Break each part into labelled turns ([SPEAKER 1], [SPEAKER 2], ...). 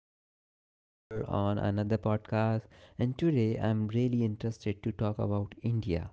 [SPEAKER 1] welcome you all on another podcast. And today I'm really interested to talk about India,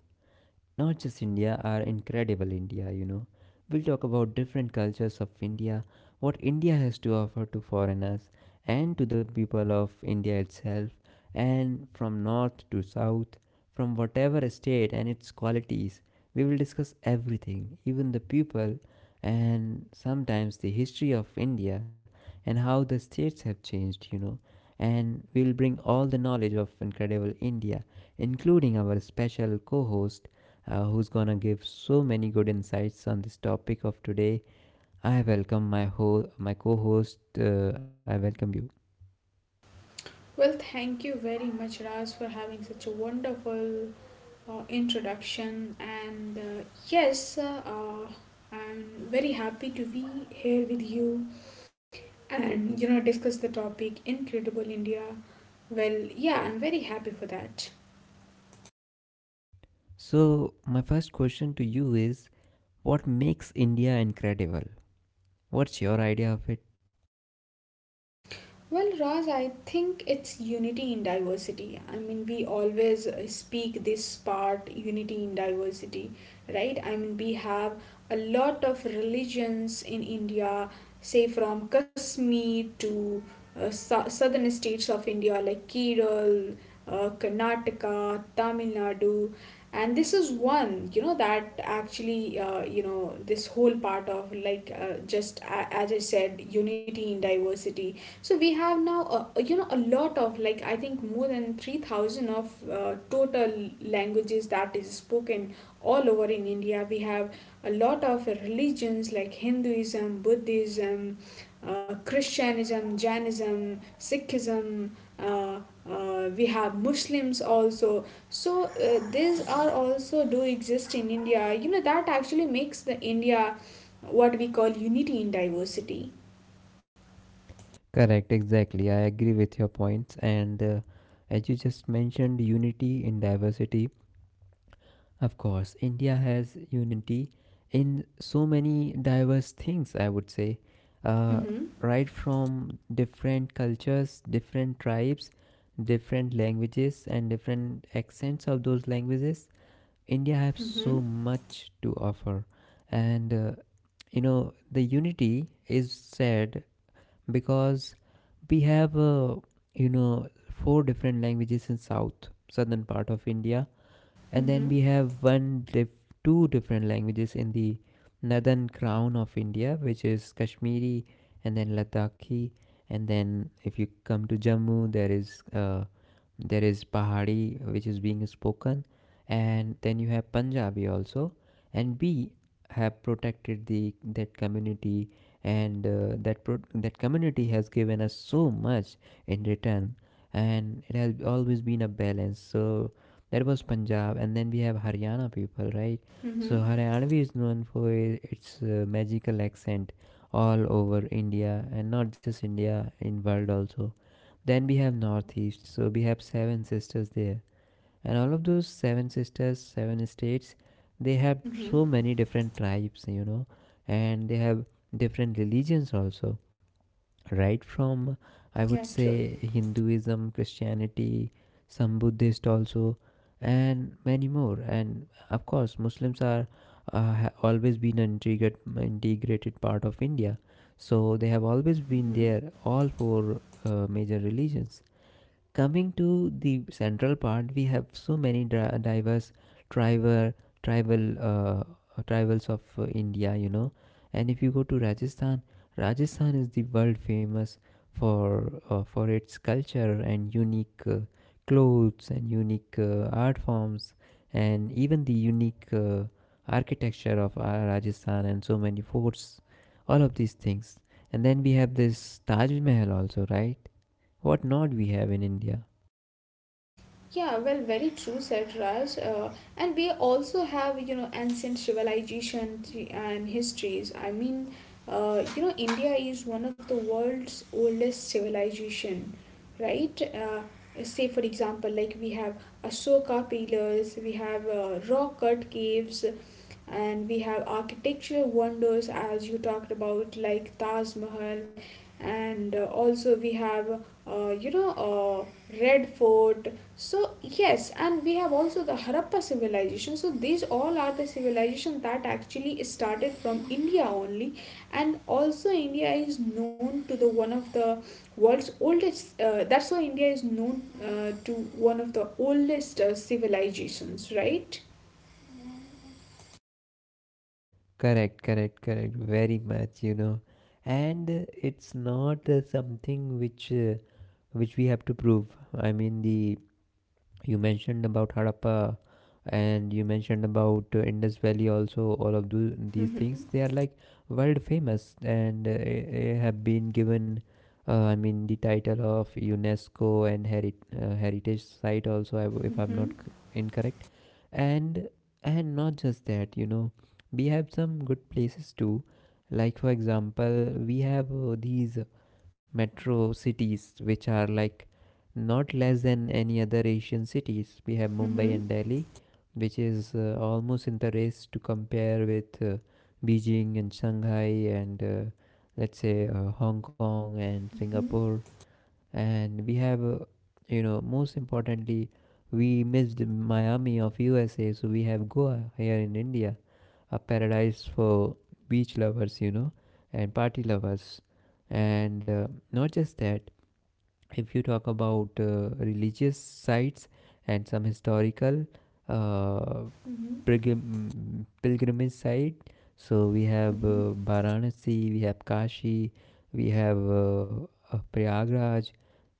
[SPEAKER 1] not just India, our incredible India, you know. We'll talk about different cultures of India, what India has to offer to foreigners and to the people of India itself, and from north to south, from whatever state and its qualities. We will discuss everything, even the people, and sometimes the history of India and how the states have changed, you know. And we will bring all the knowledge of incredible India, including our special co host who's gonna give so many good insights on this topic of today. I welcome my co-host. I welcome you.
[SPEAKER 2] Well, thank you very much, Raj, for having such a wonderful introduction. Yes, uh, uh, I'm very happy to be here with you and discuss the topic Incredible India. Well, yeah, I'm very happy for that.
[SPEAKER 1] So my first question to you is, what makes India incredible? What's your idea of it?
[SPEAKER 2] Well, Raj, I think it's unity in diversity. I mean, we always speak this part, unity in diversity, right? I mean, we have a lot of religions in India, say from Kashmir to southern states of India like Kerala, Karnataka, Tamil Nadu. And this is one, that actually, this whole part of like just a as I said, unity in diversity, so we have now a lot of like I think more than 3,000 of total languages that is spoken all over in India. We have a lot of religions like Hinduism, Buddhism, Christianism, Jainism, Sikhism. Uh, we have Muslims also. So these are also do exist in India. You know that actually makes the India what we call unity in diversity.
[SPEAKER 1] Correct, exactly. I agree with your points. And as you just mentioned, unity in diversity, of course, India has unity in so many diverse things, I would say. Uh,
[SPEAKER 2] Mm-hmm.
[SPEAKER 1] right from different cultures, different tribes, different languages, and different accents of those languages, India has
[SPEAKER 2] Mm-hmm.
[SPEAKER 1] so much to offer. And you know, the unity is said because we have, you know, four different languages in south, southern part of India, and
[SPEAKER 2] Mm-hmm.
[SPEAKER 1] then we have two different languages in the northern crown of India, which is Kashmiri and then Ladakhi, and then if you come to Jammu, there is Pahari, which is being spoken, and then you have Punjabi also, and we have protected the that community, and that community has given us so much in return, and it has always been a balance. So that was Punjab, and then we have Haryana people, right?
[SPEAKER 2] Mm-hmm.
[SPEAKER 1] So Haryanvi is known for its magical accent all over India, and not just India, in world also. Then we have Northeast, so we have seven sisters there, and all of those seven sisters, seven states, they have
[SPEAKER 2] Mm-hmm.
[SPEAKER 1] so many different tribes, you know, and they have different religions also, right from, I would
[SPEAKER 2] Yeah, true.
[SPEAKER 1] say, Hinduism, Christianity, some Buddhist also, and many more. And of course Muslims are always been an integrated part of India, so they have always been
[SPEAKER 2] Mm-hmm.
[SPEAKER 1] there, all four major religions. Coming to the central part, we have so many diverse tribal tribal tribals of India, you know. And if you go to Rajasthan, Rajasthan is the world famous for its culture and unique clothes and unique art forms, and even the unique architecture of Rajasthan, and so many forts, all of these things. And then we have this Taj Mahal also, right? What not we have in India?
[SPEAKER 2] Yeah, well, very true, said Raj. And we also have, you know, ancient civilization and histories. I mean, you know, India is one of the world's oldest civilization, right? Say, for example, like we have Ashoka pillars, we have rock-cut caves, and we have architecture wonders, as you talked about, like Taj Mahal, and also we have, uh, you know, Red Fort. So yes, and we have also the Harappa civilization. So these all are the civilization that actually started from India only, and also India is known to the one of the world's oldest. That's why India is known to one of the oldest civilizations, right?
[SPEAKER 1] Correct, correct, correct. Very much, you know. And it's not something which we have to prove. I mean, the you mentioned about Harappa, and you mentioned about Indus Valley also. All of these
[SPEAKER 2] Hmm.
[SPEAKER 1] things, they are like world famous, and have been given I mean the title of UNESCO and heritage site also, if I'm not
[SPEAKER 2] Hmm.
[SPEAKER 1] incorrect. and and not just that, you know, we have some good places too, like for example, we have these metro cities which are like not less than any other Asian cities. We have Mumbai and
[SPEAKER 2] Hmm.
[SPEAKER 1] Delhi, which is almost in the race to compare with Beijing and Shanghai, and let's say Hong Kong and
[SPEAKER 2] Hmm.
[SPEAKER 1] Singapore. And we have you know, most importantly, we missed Miami of USA, so we have Goa here in India, a paradise for beach lovers, you know, and party lovers. And not just that, if you talk about religious sites and some historical uh, pilgrimage site. So we have Varanasi, we have Kashi, we have Prayagraj,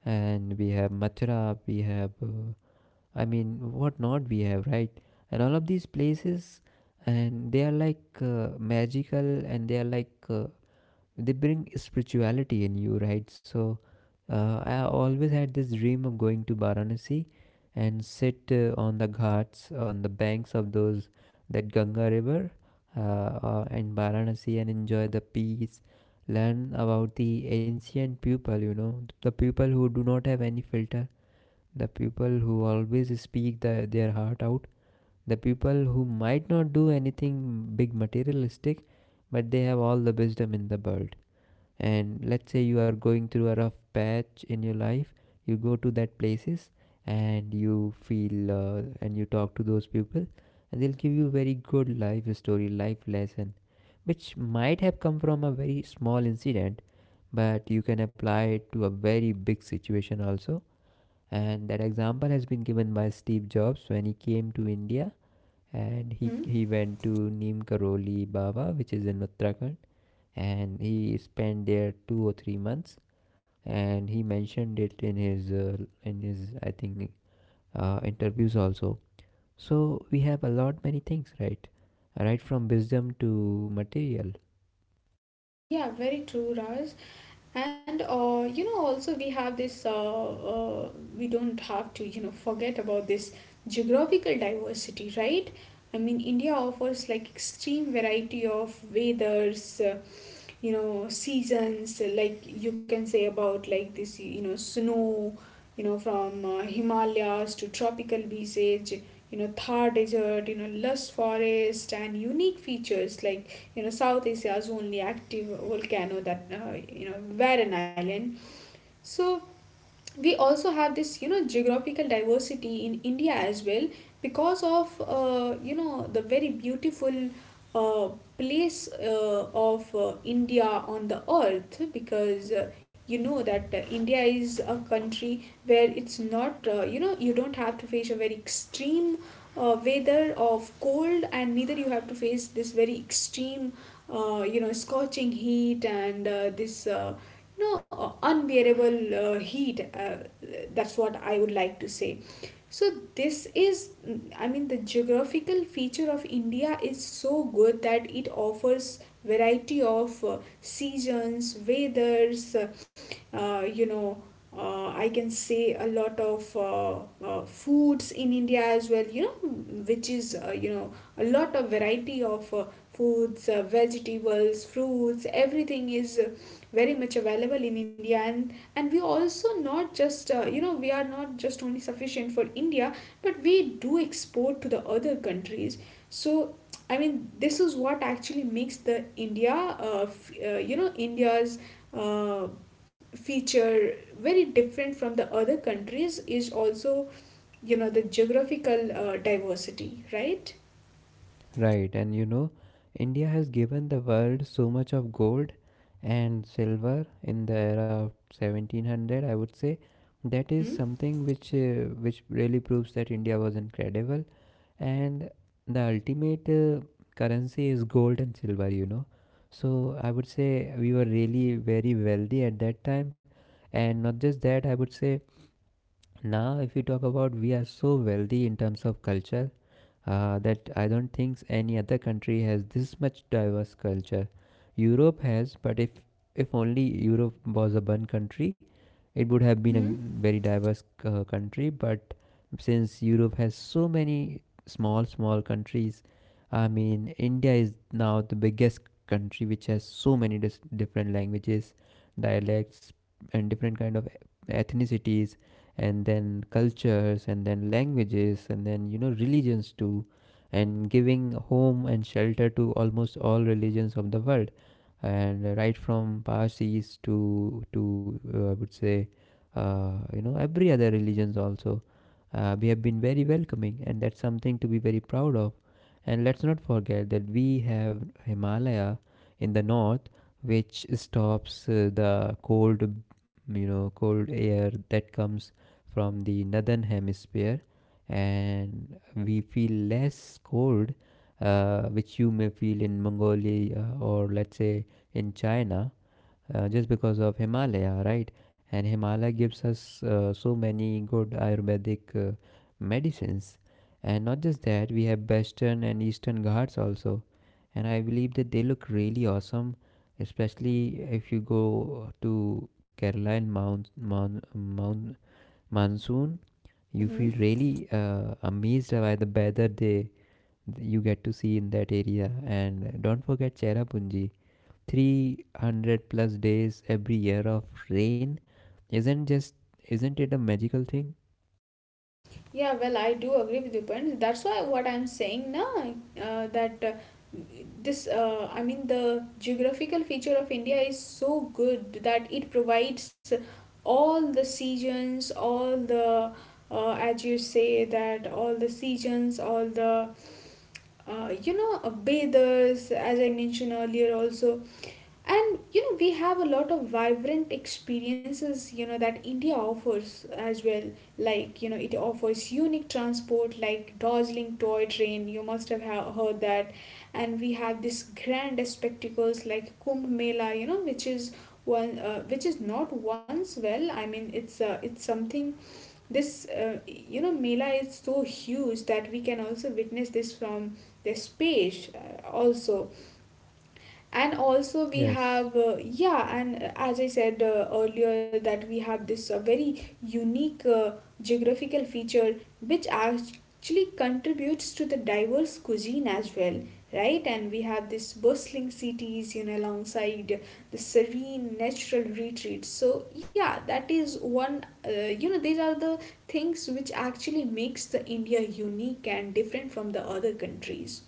[SPEAKER 1] and we have Mathura, we have, I mean, what not we have, right? And all of these places, and they are like magical, and they are like they bring spirituality in you, right? So I always had this dream of going to Varanasi and sit on the ghats, on the banks of those that Ganga river uh, in Varanasi, and enjoy the peace, learn about the ancient people, you know, the people who do not have any filter, the people who always speak their heart out, the people who might not do anything big materialistic, but they have all the wisdom in the world. And let's say you are going through a rough patch in your life, you go to that places, and you feel and you talk to those people, and they'll give you very good life story, life lesson, which might have come from a very small incident, but you can apply it to a very big situation also. And that example has been given by Steve Jobs when he came to India, and
[SPEAKER 2] Hmm.
[SPEAKER 1] he went to Neem Karoli Baba, which is in Uttarakhand, and he spent there 2 or 3 months, and he mentioned it in his in his, I think, interviews also. So we have a lot many things, right, right from wisdom to material.
[SPEAKER 2] Yeah, very true, Raj. And you know, also we have this. We don't have to, you know, forget about this geographical diversity, right? I mean, India offers like extreme variety of weathers, you know, seasons. Like you can say about like this, you know, snow, you know, from Himalayas to tropical beaches, you know, Thar desert, you know, lush forest, and unique features like you know South Asia's only active volcano that you know were an island. So we also have this you know geographical diversity in India as well, because of you know the very beautiful uh, place of India on the earth, because you know that India is a country where it's not you know you don't have to face a very extreme weather of cold, and neither you have to face this very extreme you know scorching heat and this no unbearable heat, that's what I would like to say. So this is, I mean, the geographical feature of India is so good that it offers variety of seasons, weathers, you know, I can say a lot of foods in India as well, you know, which is you know a lot of variety of foods, vegetables, fruits, everything is very much available in India, and we also not just you know we are not just only sufficient for India, but we do export to the other countries. So I mean this is what actually makes the India you know India's uh, feature very different from the other countries, is also you know the geographical diversity, right?
[SPEAKER 1] Right, and you know, India has given the world so much of gold and silver in the era of 1700, I would say. That is
[SPEAKER 2] Mm-hmm.
[SPEAKER 1] something which really proves that India was incredible. And the ultimate currency is gold and silver, you know, so I would say we were really very wealthy at that time. And not just that, I would say, now if we talk about, we are so wealthy in terms of culture, that I don't think any other country has this much diverse culture. Europe has, but if only Europe was a one country, it would have been
[SPEAKER 2] Mm-hmm.
[SPEAKER 1] a very diverse country. But since Europe has so many small small countries, I mean, India is now the biggest country which has so many different languages, dialects, and different kind of ethnicities, and then cultures, and then languages, and then you know religions too, and giving home and shelter to almost all religions of the world. And right from Parsis to I would say you know, every other religions also, we have been very welcoming, and that's something to be very proud of. And let's not forget that we have Himalaya in the north, which stops the cold, you know, cold air that comes from the northern hemisphere, and we feel less cold, which you may feel in Mongolia, or let's say in China, just because of Himalaya, right? And Himalaya gives us so many good ayurvedic medicines. And not just that, we have Western and Eastern Ghats also, and I believe that they look really awesome, especially if you go to Kerala in Mount Monsoon. You
[SPEAKER 2] Mm-hmm.
[SPEAKER 1] feel really amazed by the weather they you get to see in that area. And don't forget Cherrapunji, 300 plus days every year of rain. isn't just isn't it a magical thing?
[SPEAKER 2] Yeah, well, I do agree with your point. That's why what I'm saying now, uh, that uh, I mean, the geographical feature of India is so good that it provides all the seasons, all the, as you say, that all the seasons, all the you know bathers as I mentioned earlier also. And you know we have a lot of vibrant experiences you know that India offers as well, like you know it offers unique transport like dazzling toy train, you must have heard that. And we have this grand spectacles like Kumbh Mela, you know, which is one which is not once, well I mean it's something, this you know mela is so huge that we can also witness this from the space also. And also we
[SPEAKER 1] Yes.
[SPEAKER 2] have yeah, and as I said earlier that we have this very unique geographical feature which actually contributes to the diverse cuisine as well, right? And we have this bustling cities you know alongside the serene natural retreats. So yeah, that is one you know, these are the things which actually makes the India unique and different from the other countries.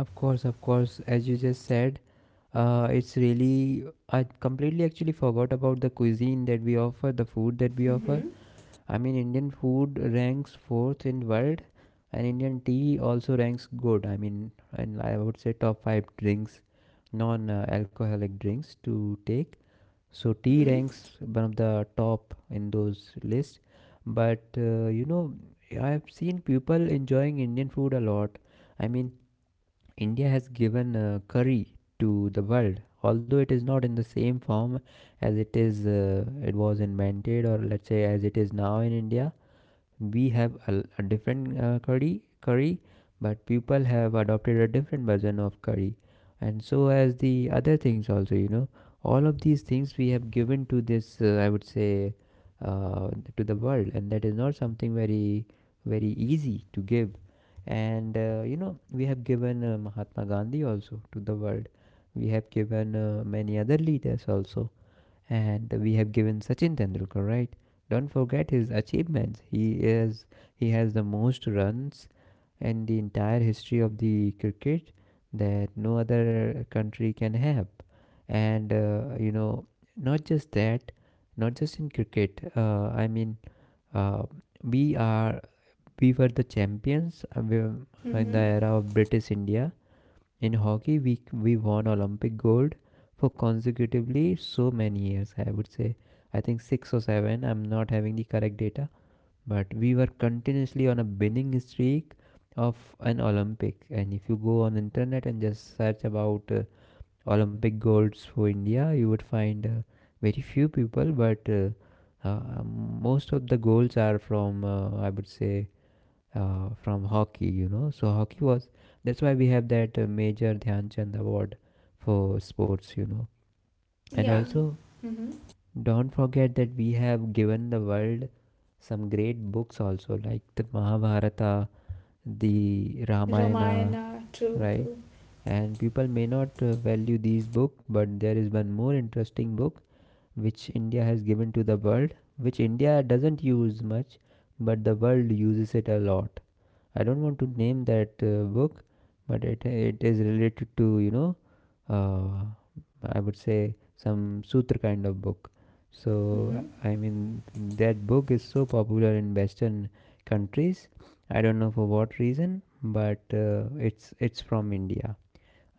[SPEAKER 1] Of course, of course, as you just said, it's really, I completely actually forgot about the cuisine that we offer, the food that we offer.
[SPEAKER 2] Mm-hmm.
[SPEAKER 1] I mean, Indian food ranks fourth in world, and Indian tea also ranks good. I mean, and I would say top five drinks, non-alcoholic drinks to take. So tea
[SPEAKER 2] Mm-hmm.
[SPEAKER 1] ranks one of the top in those list. But you know, I have seen people enjoying Indian food a lot. I mean, India has given curry to the world, although it is not in the same form as it is it was invented, or let's say as it is now in India. We have a different curry, but people have adopted a different version of curry. And so as the other things also, you know, all of these things we have given to this, I would say, uh, to the world, and that is not something very very easy to give. And you know, we have given Mahatma Gandhi also to the world, we have given many other leaders also, and we have given Sachin Tendulkar, right? Don't forget his achievements. He has the most runs in the entire history of the cricket that no other country can have. And you know, not just that, not just in cricket. I mean, uh, we are we were the champions in the
[SPEAKER 2] Mm-hmm.
[SPEAKER 1] era of British India, in hockey, we won Olympic gold for consecutively so many years. I would say, I think six or seven. I'm not having the correct data, but we were continuously on a winning streak of an Olympic. And if you go on internet and just search about Olympic golds for India, you would find very few people, but most of the goals are from I would say from hockey, you know. So hockey was that's why we have that Major Dhyan Chand Award for sports, you know. And
[SPEAKER 2] Yeah.
[SPEAKER 1] also,
[SPEAKER 2] Mm-hmm.
[SPEAKER 1] don't forget that we have given the world some great books also, like the Mahabharata, the Ramayana,
[SPEAKER 2] Ramayana, true,
[SPEAKER 1] right?
[SPEAKER 2] true.
[SPEAKER 1] And people may not value these books, but there is one more interesting book which India has given to the world, which India doesn't use much, but the world uses it a lot. I don't want to name that book, but it is related to I would say some sutra kind of book.
[SPEAKER 2] Mm-hmm.
[SPEAKER 1] So I mean that book is so popular in Western countries. I don't know for what reason, but it's from India.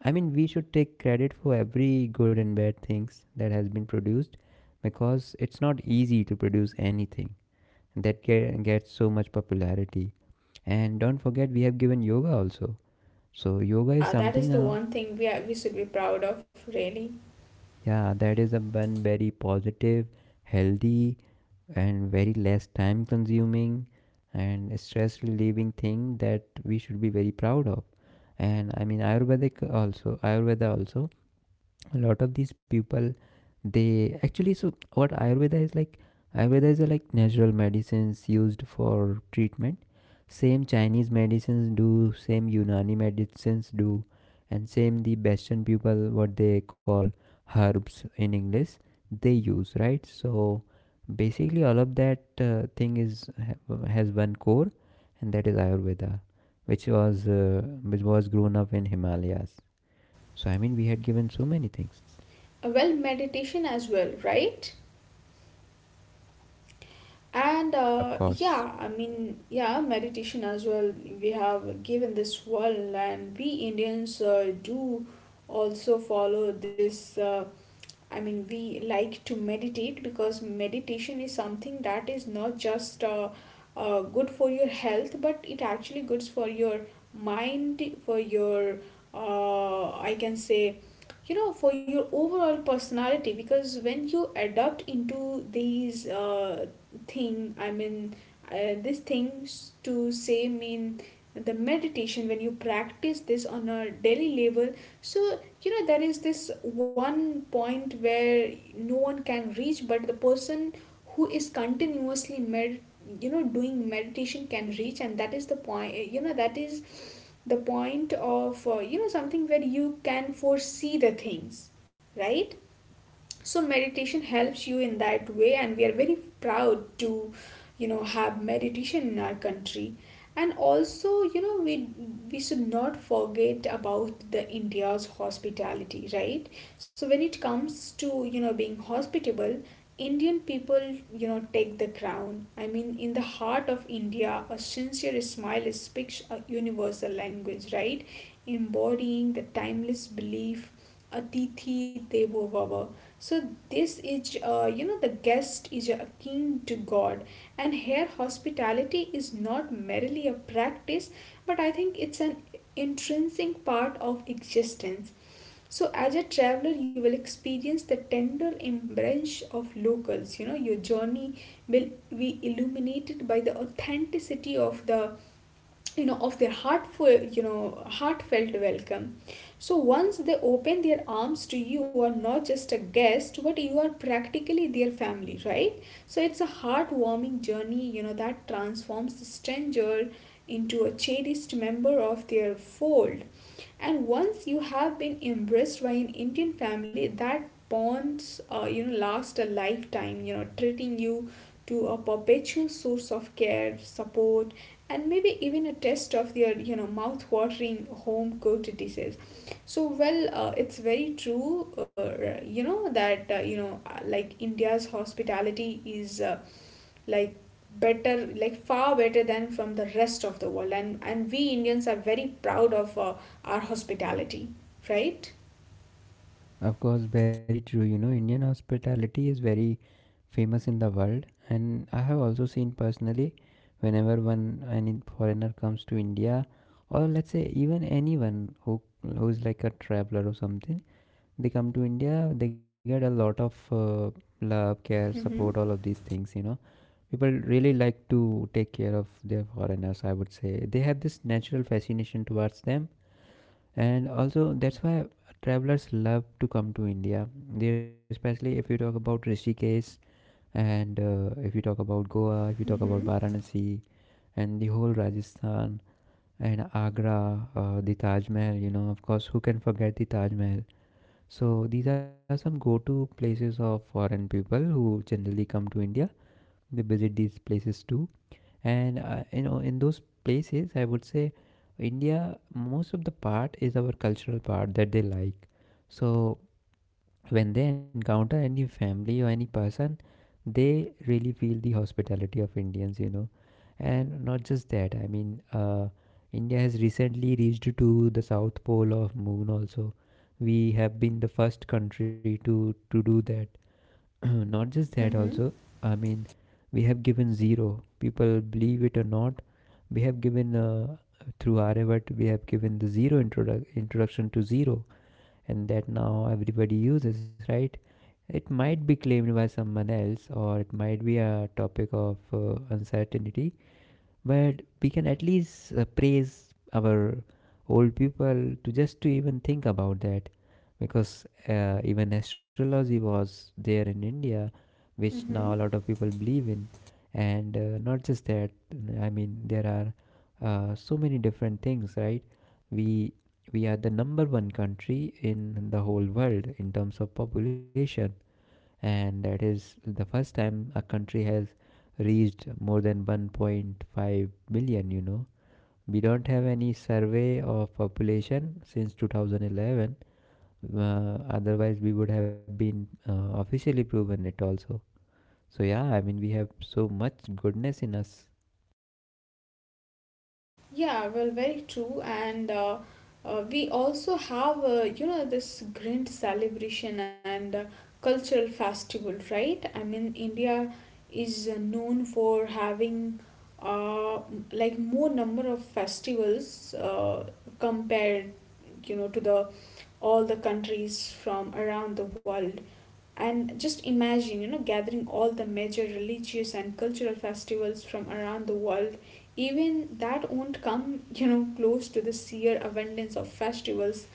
[SPEAKER 1] I mean we should take credit for every good and bad things that has been produced because it's not easy to produce anything that gets so much popularity. And don't forget, we have given yoga also. So, yoga is
[SPEAKER 2] Yeah, that
[SPEAKER 1] something
[SPEAKER 2] is the
[SPEAKER 1] now,
[SPEAKER 2] one thing we are, we should be proud of, really.
[SPEAKER 1] yeah, that is a one very positive, healthy, and very less time consuming and stress relieving thing that we should be very proud of. And I mean, Ayurvedic also, Ayurveda also, a lot of these people, they actually, so what ayurveda is like, ayurveda is like natural medicines used for treatment. Same Chinese medicines do, same Unani medicines do, and same the Western people, what they call herbs in English, they use, right? So basically all of that thing has one core, and that is ayurveda, which was grown up in Himalayas. So I mean we had given so many things.
[SPEAKER 2] Well, meditation as well, right? And
[SPEAKER 1] Of
[SPEAKER 2] uh,
[SPEAKER 1] course.
[SPEAKER 2] yeah, I mean, yeah, meditation as well. We have given this world, and we Indians do also follow this. I mean, we like to meditate because meditation is something that is not just good for your health, but it actually good for your mind, for your, I can say, you know, for your overall personality. Because when you adopt into these thing, I mean, these things to say mean the meditation, when you practice this on a daily level, so, you know, there is this one point where no one can reach, but the person who is continuously med you know doing meditation can reach, and that is the point, you know, that is the point of you know something where you can foresee the things, right? So meditation helps you in that way, and we are very proud to you know have meditation in our country. And also you know we should not forget about the India's hospitality, right? So when it comes to you know being hospitable, Indian people, you know, take the crown. I mean, in the heart of India a sincere smile speaks a universal language, right, embodying the timeless belief Atithi Devo Bhava. So this is, you know, the guest is akin to God, and here hospitality is not merely a practice, but I think it's an intrinsic part of existence. So as a traveler, you will experience the tender embrace of locals. You know, your journey will be illuminated by the authenticity of the you know of their heartful you know heartfelt welcome. So once they open their arms to you, you are not just a guest, but you are practically their family, right? So it's a heartwarming journey you know that transforms the stranger into a cherished member of their fold. And once you have been embraced by an Indian family, that bonds you know last a lifetime, you know, treating you to a perpetual source of care, support, and maybe even a test of their you know mouth watering home cooked dishes. So well, it's very true, you know, that you know, like India's hospitality is like better, like far better than from the rest of the world, and we Indians are very proud of our hospitality, right?
[SPEAKER 1] Of course, very true. You know, Indian hospitality is very famous in the world, and I have also seen personally whenever one any foreigner comes to India, or let's say even anyone who's like a traveler or something, they come to India, they get a lot of love, care, support, all
[SPEAKER 2] Mm-hmm.
[SPEAKER 1] of these things. You know, people really like to take care of their foreigners. I would say they have this natural fascination towards them, and also that's why travelers love to come to India. They, especially if you talk about Rishikesh, and if you talk about Goa, if you talk about
[SPEAKER 2] Mm-hmm.
[SPEAKER 1] Varanasi and the whole Rajasthan and Agra, the Taj Mahal, you know, of course, who can forget the Taj Mahal. So these are some go-to places of foreign people who generally come to India. They visit these places too, and you know, in those places I would say India, most of the part is our cultural part that they like. So when they encounter any family or any person, they really feel the hospitality of Indians, you know. And not just that, I mean India has recently reached to the south pole of moon also. We have been the first country to do that. Not just that
[SPEAKER 2] Mm-hmm.
[SPEAKER 1] also, I mean we have given zero. People believe it or not, we have given through Aryabhatta, we have given the introduction to zero, and that now everybody uses, right? It might be claimed by someone else, or it might be a topic of uncertainty, but we can at least praise our old people to just to even think about that, because even astrology was there in India, which now a
[SPEAKER 2] Mm-hmm.
[SPEAKER 1] lot of people believe in. And not just that, I mean there are so many different things, right? we we are the number one country in the whole world in terms of population, and that is the first time a country has reached more than 1.5 million, you know. We don't have any survey of population since 2011. Otherwise we would have been officially proven it also. So yeah, I mean we have so much goodness in us.
[SPEAKER 2] Yeah, well, very true. And We also have, you know, this grand celebration and cultural festival, right? I mean, India is known for having like more number of festivals compared, you know, to the all the countries from around the world. And just imagine, you know, gathering all the major religious and cultural festivals from around the world. Even that won't come, you know, close to the sheer abundance of festivals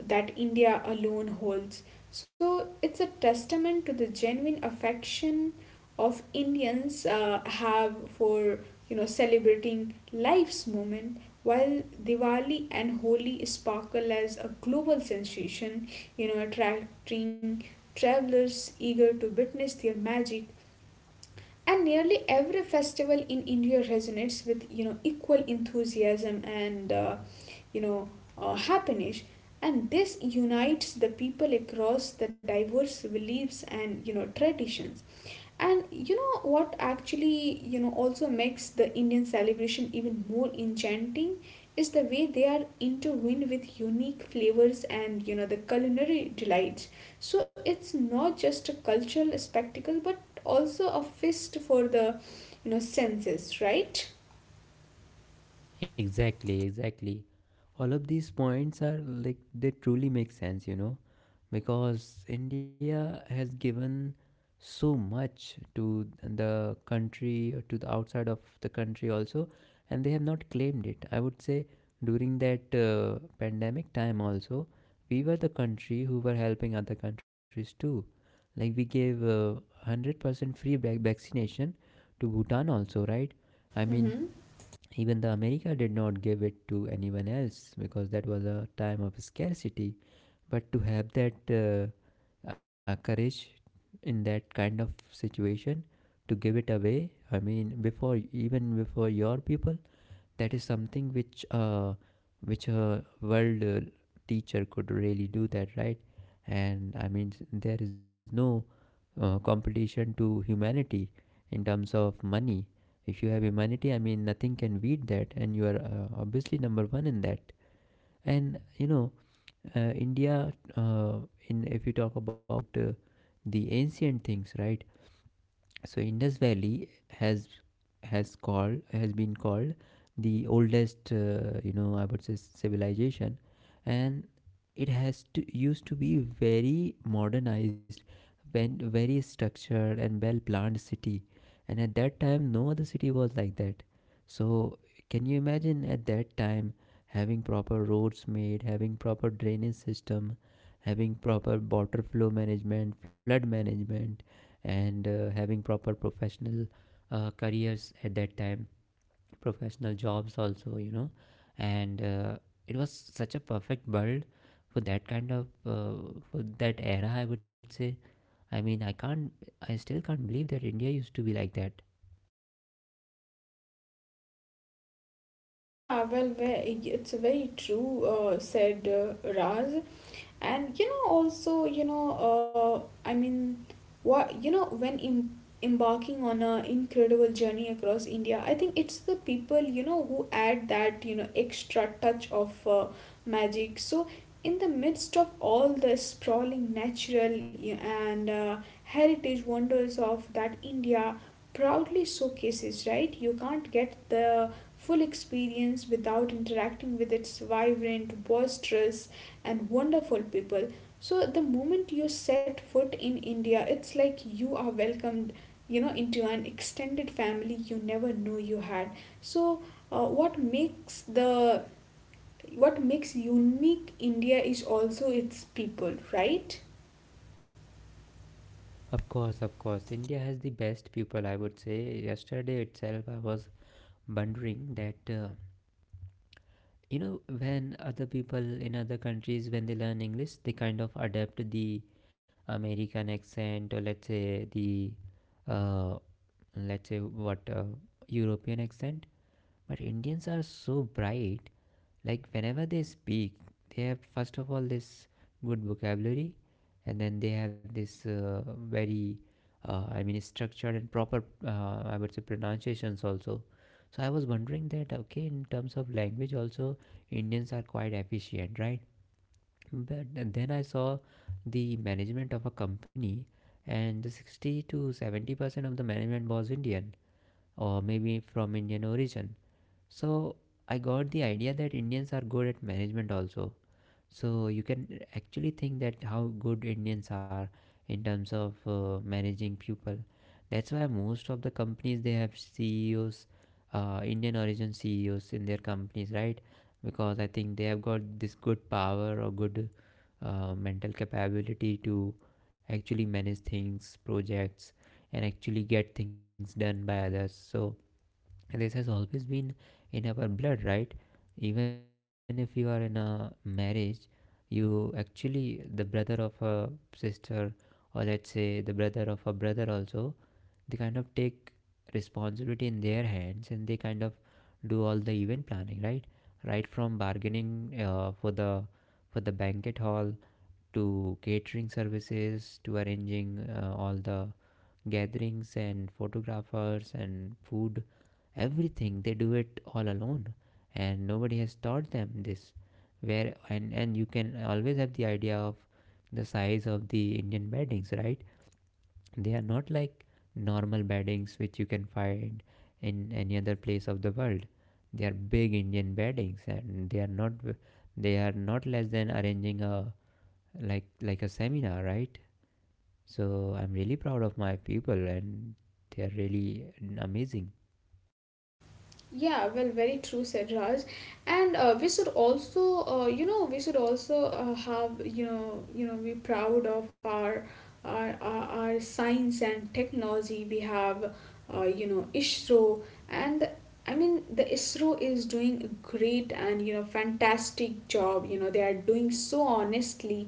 [SPEAKER 2] that India alone holds. So it's a testament to the genuine affection of Indians have for you know celebrating life's moment. While Diwali and Holi sparkle as a global sensation, you know, attracting travelers eager to witness their magic. And nearly every festival in India resonates with you know equal enthusiasm and you know, happiness, and this unites the people across the diverse beliefs and you know traditions. And you know what actually you know also makes the Indian celebration even more enchanting is the way they are intertwined with unique flavors and you know the culinary delights. So it's not just a cultural spectacle, but also a feast for the you know senses, right?
[SPEAKER 1] Exactly, exactly, all of these points are like they truly make sense, you know, because India has given so much to the country or to the outside of the country also, and they have not claimed it, I would say. During that pandemic time also, we were the country who were helping other countries too. Like we gave 100% vaccination to Bhutan also, right? I mean,
[SPEAKER 2] Mm-hmm.
[SPEAKER 1] even the America did not give it to anyone else because that was a time of scarcity. But to have that uh, courage in that kind of situation, to give it away, I mean before, even before your people, that is something which a world teacher could really do that, right? And I mean, there is no competition to humanity in terms of money. If you have humanity, I mean nothing can beat that, and you are obviously number 1 in that. And you know, India, in if you talk about the ancient things, right? So Indus Valley has has been called the oldest you know, I would say, civilization, and it has to used to be very modernized, when very structured and well planned city, and at that time no other city was like that. So can you imagine at that time having proper roads made, having proper drainage system, having proper water flow management, flood management, and having proper professional careers at that time, professional jobs also, you know. And it was such a perfect world for that kind of for that era, I would say. I mean, I can't, I still can't believe that India used to be like that.
[SPEAKER 2] Yeah, well, it's very true, said Raz. And you know, also, you know, I mean, what you know, when embarking on a incredible journey across India, I think it's the people you know who add that you know extra touch of magic. So, in the midst of all the sprawling natural y- and heritage wonders of that India proudly showcases, right? You can't get the full experience without interacting with its vibrant, boisterous, and wonderful people. So, the moment you set foot in India, it's like you are welcomed, into an extended family you never knew you had. So, uh, what makes the what makes unique India is also its people, right?
[SPEAKER 1] Of course, India has the best people, I would say. Yesterday itself, I was wondering that you know, when other people in other countries, when they learn English, they kind of adapt the American accent, or let's say the uh, let's say what European accent. But Indians are so bright, like whenever they speak, they have, first of all, this good vocabulary, and then they have this very I mean structured and proper I would say pronunciations also. So I was wondering that, okay, in terms of language also, Indians are quite efficient, right? But then I saw the management of a company, and the 60 to 70% of the management was Indian, or maybe from Indian origin. So I got the idea that Indians are good at management also. So you can actually think that how good Indians are in terms of managing people. That's why most of the companies, they have CEOs, Indian origin CEOs in their companies, right? Because I think they have got this good power, or good mental capability to actually manage things, projects, and actually get things done by others. So this has always been in our blood, right? Even if you are in a marriage, you actually, the brother of a sister, or let's say the brother of a brother also, they kind of take responsibility in their hands, and they kind of do all the event planning, right? Right from bargaining for the banquet hall, to catering services, to arranging all the gatherings and photographers and food, everything. They do it all alone, and nobody has taught them this. Where and you can always have the idea of the size of the Indian beddings, right? They are not like normal beddings which you can find in any other place of the world. They are big Indian beddings, and they are not less than arranging a like a seminar, right? So I'm really proud of my people, and they're really amazing.
[SPEAKER 2] Yeah, well, very true, said Raj. And we should also, we should also have, be proud of our, our, our science and technology. We have, ISRO, and the ISRO is doing a great and fantastic job. You know, they are doing so honestly,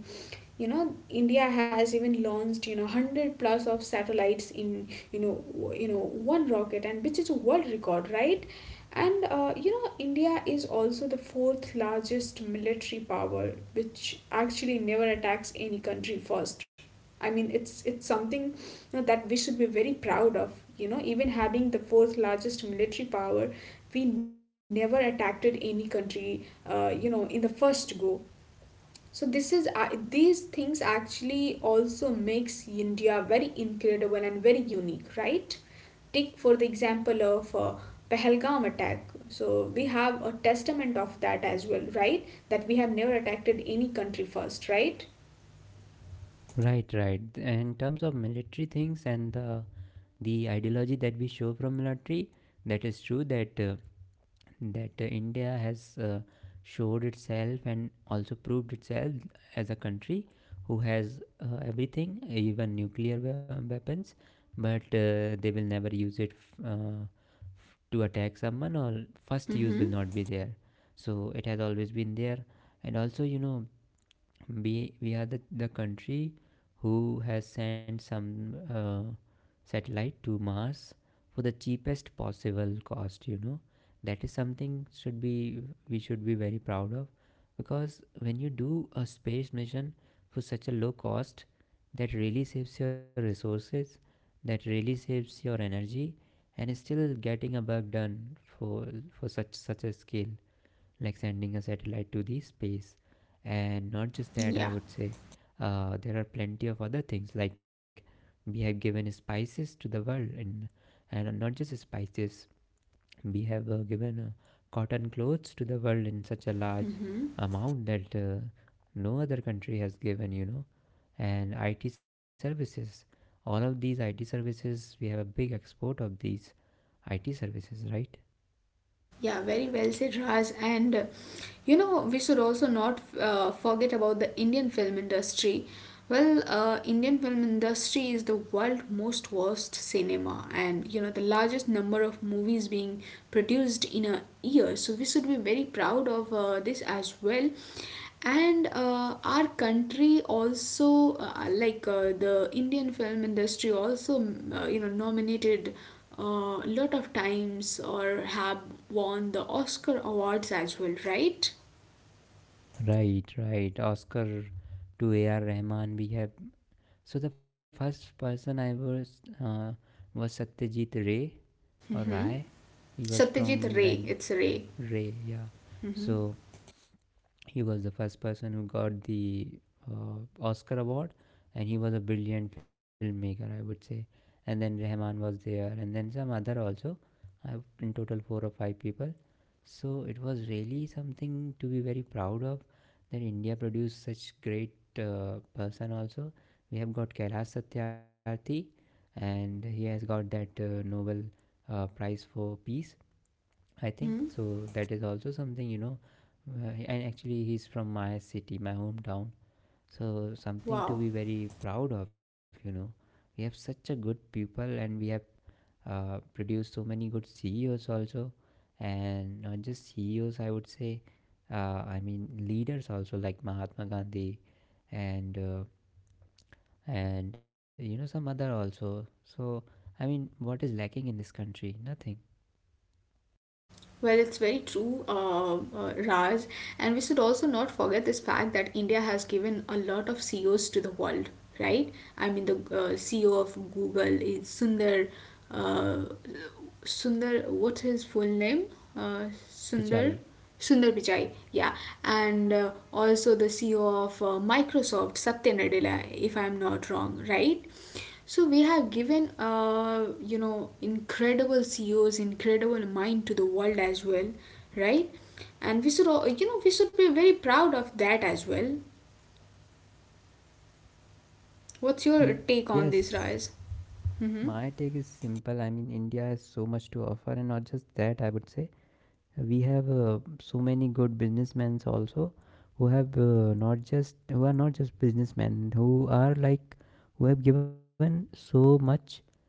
[SPEAKER 2] you know india has even launched 100 plus of satellites in you know you know one rocket, and which is a world record, right? And india is also the fourth largest military power which actually never attacks any country first. It's something, that we should be very proud of, even having the fourth largest military power, we never attacked any country in the first go. So this is these things actually also makes India very incredible and very unique, right? Take for the example of Pahalgam attack. So we have a testament of that as well, right? That we have never attacked any country first, right?
[SPEAKER 1] Right, right. In terms of military things, and the ideology that we show from military, that is true that India has showed itself and also proved itself as a country who has everything, even nuclear weapons, but they will never use it to attack someone, or first use will
[SPEAKER 2] Mm-hmm.
[SPEAKER 1] not be there. So it has always been there, and also you know we are the country who has sent some satellite to Mars for the cheapest possible cost, you know. That is something should be, we should be very proud of, because when you do a space mission for such a low cost, that really saves your resources, that really saves your energy, and still getting a bug done for such a scale, like sending a satellite to the space. And not just that, I
[SPEAKER 2] Yeah.
[SPEAKER 1] would say there are plenty of other things like we have given spices to the world, and not just spices, we have given cotton clothes to the world in such a large
[SPEAKER 2] Mm-hmm.
[SPEAKER 1] amount that no other country has given. You know, and IT services. All of these IT services, we have a big export of these IT services, right?
[SPEAKER 2] Yeah, very well said, Raj. And we should also not forget about the Indian film industry. Well, Indian film industry is the world most worst cinema, and you know the largest number of movies being produced in a year. So we should be very proud of this as well. And our country also, the Indian film industry, also nominated a lot of times or have won the Oscar awards as well, right?
[SPEAKER 1] Right, right. Oscar to A.R. Rahman we have. So the first person I was Satyajit Ray or Rai. He was
[SPEAKER 2] Satyajit
[SPEAKER 1] from
[SPEAKER 2] Ray,
[SPEAKER 1] Bang
[SPEAKER 2] it's Ray.
[SPEAKER 1] Ray, yeah. So he was the first person who got the Oscar award, and he was a brilliant filmmaker, I would say. And then Rahman was there, and then some other also. I, in total, four or five people. So it was really something to be very proud of that India produced such great person also. We have got Kailash Satyarthi and he has got that Nobel Prize for Peace, I think.
[SPEAKER 2] Mm-hmm.
[SPEAKER 1] So that is also something, and actually he's from my city, my hometown. So something to
[SPEAKER 2] Wow.
[SPEAKER 1] be very proud of, you know. We have such a good people and we have produced so many good CEOs also, and not just CEOs, I would say, I mean leaders also like Mahatma Gandhi, and uh, and you know some other also. So I mean, what is lacking in this country? Nothing.
[SPEAKER 2] Well, it's very true, Raj. And we should also not forget this fact that India has given a lot of CEOs to the world, right? I mean, the CEO of Google is Sundar. Uh, Sundar, what's his full name? Sundar.
[SPEAKER 1] Pichai,
[SPEAKER 2] Sundar Pichai, yeah, and also the CEO of Microsoft, Satya Nadella, if I'm not wrong, right? So
[SPEAKER 1] right?
[SPEAKER 2] we have given, incredible CEOs, incredible mind to the world as well, right? And we should, we should be very proud of that as well. What's your take
[SPEAKER 1] Yes.
[SPEAKER 2] on this, Raj?
[SPEAKER 1] My
[SPEAKER 2] Mm-hmm.
[SPEAKER 1] take is simple. I mean, India has so much to offer, and not just that, I would say. We have so many good businessmen also who are not just businessmen who are like who have given so much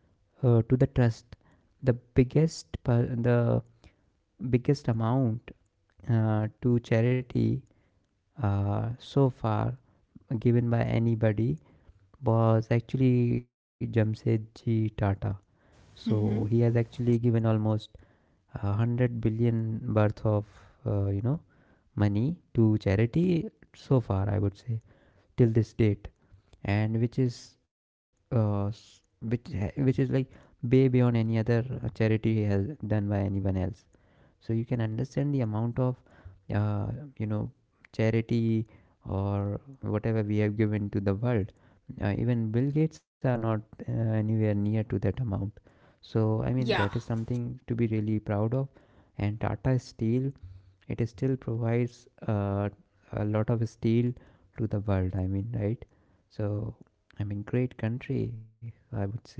[SPEAKER 1] to the trust, the biggest amount to charity so far given by anybody, was actually Jamsetji Tata. So he has actually given almost 100 billion worth of uh, you know money to charity so far, I would say, till this date, and uh, which which is like way beyond any other charity he has done by anyone else. So you can understand the amount of uh, you know charity or whatever we have given to the world. Even Bill Gates are not anywhere near to that amount. So I mean that
[SPEAKER 2] Yeah.
[SPEAKER 1] is something to be really proud of. And Tata Steel, it still provides a lot of steel to the world, I mean, right? So I mean, great country, I would say,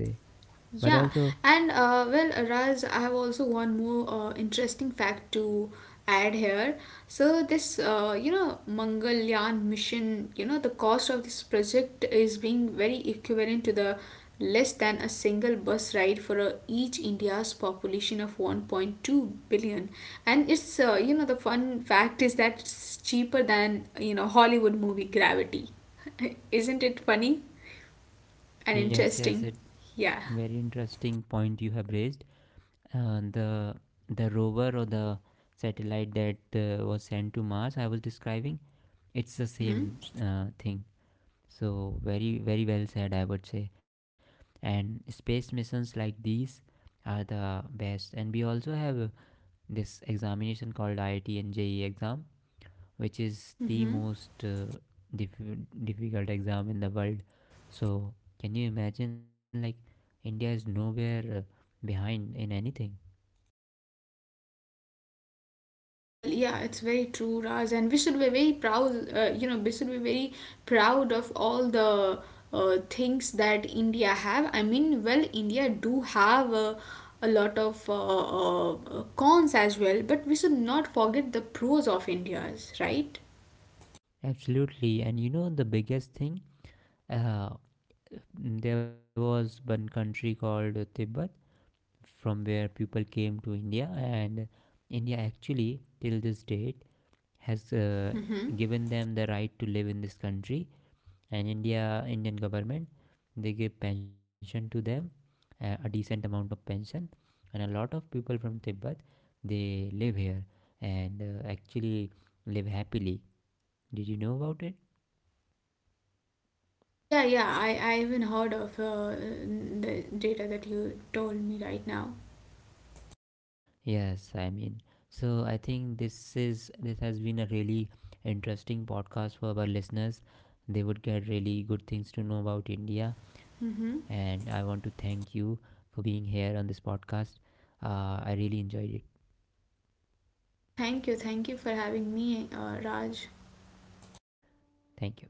[SPEAKER 1] but also.
[SPEAKER 2] Yeah, and well, Raz, I have also one more interesting fact to add here. So this, Mangalyaan mission, you know, the cost of this project is being very equivalent to the less than a single bus ride for each India's population of 1.2 billion. And it's, the fun fact is that it's cheaper than, you know, Hollywood movie Gravity. Isn't it funny and
[SPEAKER 1] Yes, yes, it,
[SPEAKER 2] interesting? Yeah.
[SPEAKER 1] very interesting point you have raised. Uh, the the rover or the satellite that was sent to Mars, I was describing, it's the same thing. So very very well said, I would say. And space missions like these are the best. And we also have this examination called IIT and JEE exam, which is the most diff- difficult exam in the world. So, can you imagine like India is nowhere behind in anything?
[SPEAKER 2] Well, yeah, it's very true, Raj, and we should be very proud. We should be very proud of all the things that India have. I mean, well, India do have a lot of cons as well, but we should not forget the pros of India's, right?
[SPEAKER 1] Absolutely. And you know the biggest thing? Uh, there was one country called Tibet from where people came to India, and India actually till this date has
[SPEAKER 2] Hmm.
[SPEAKER 1] given them the right to live in this country. And Indian government, they give pension to them, a decent amount of pension, and a lot of people from Tibet, they live here, and actually live happily. Did you know about it?
[SPEAKER 2] Yeah, yeah, I even heard of the data that you told me right now.
[SPEAKER 1] Yes, I mean, so I think this has been a really interesting podcast for our listeners. They would get really good things to know about India, and
[SPEAKER 2] Hmm.
[SPEAKER 1] I want to thank you for being here on this podcast. I really enjoyed it.
[SPEAKER 2] Thank you for having me, Raj.
[SPEAKER 1] Thank you.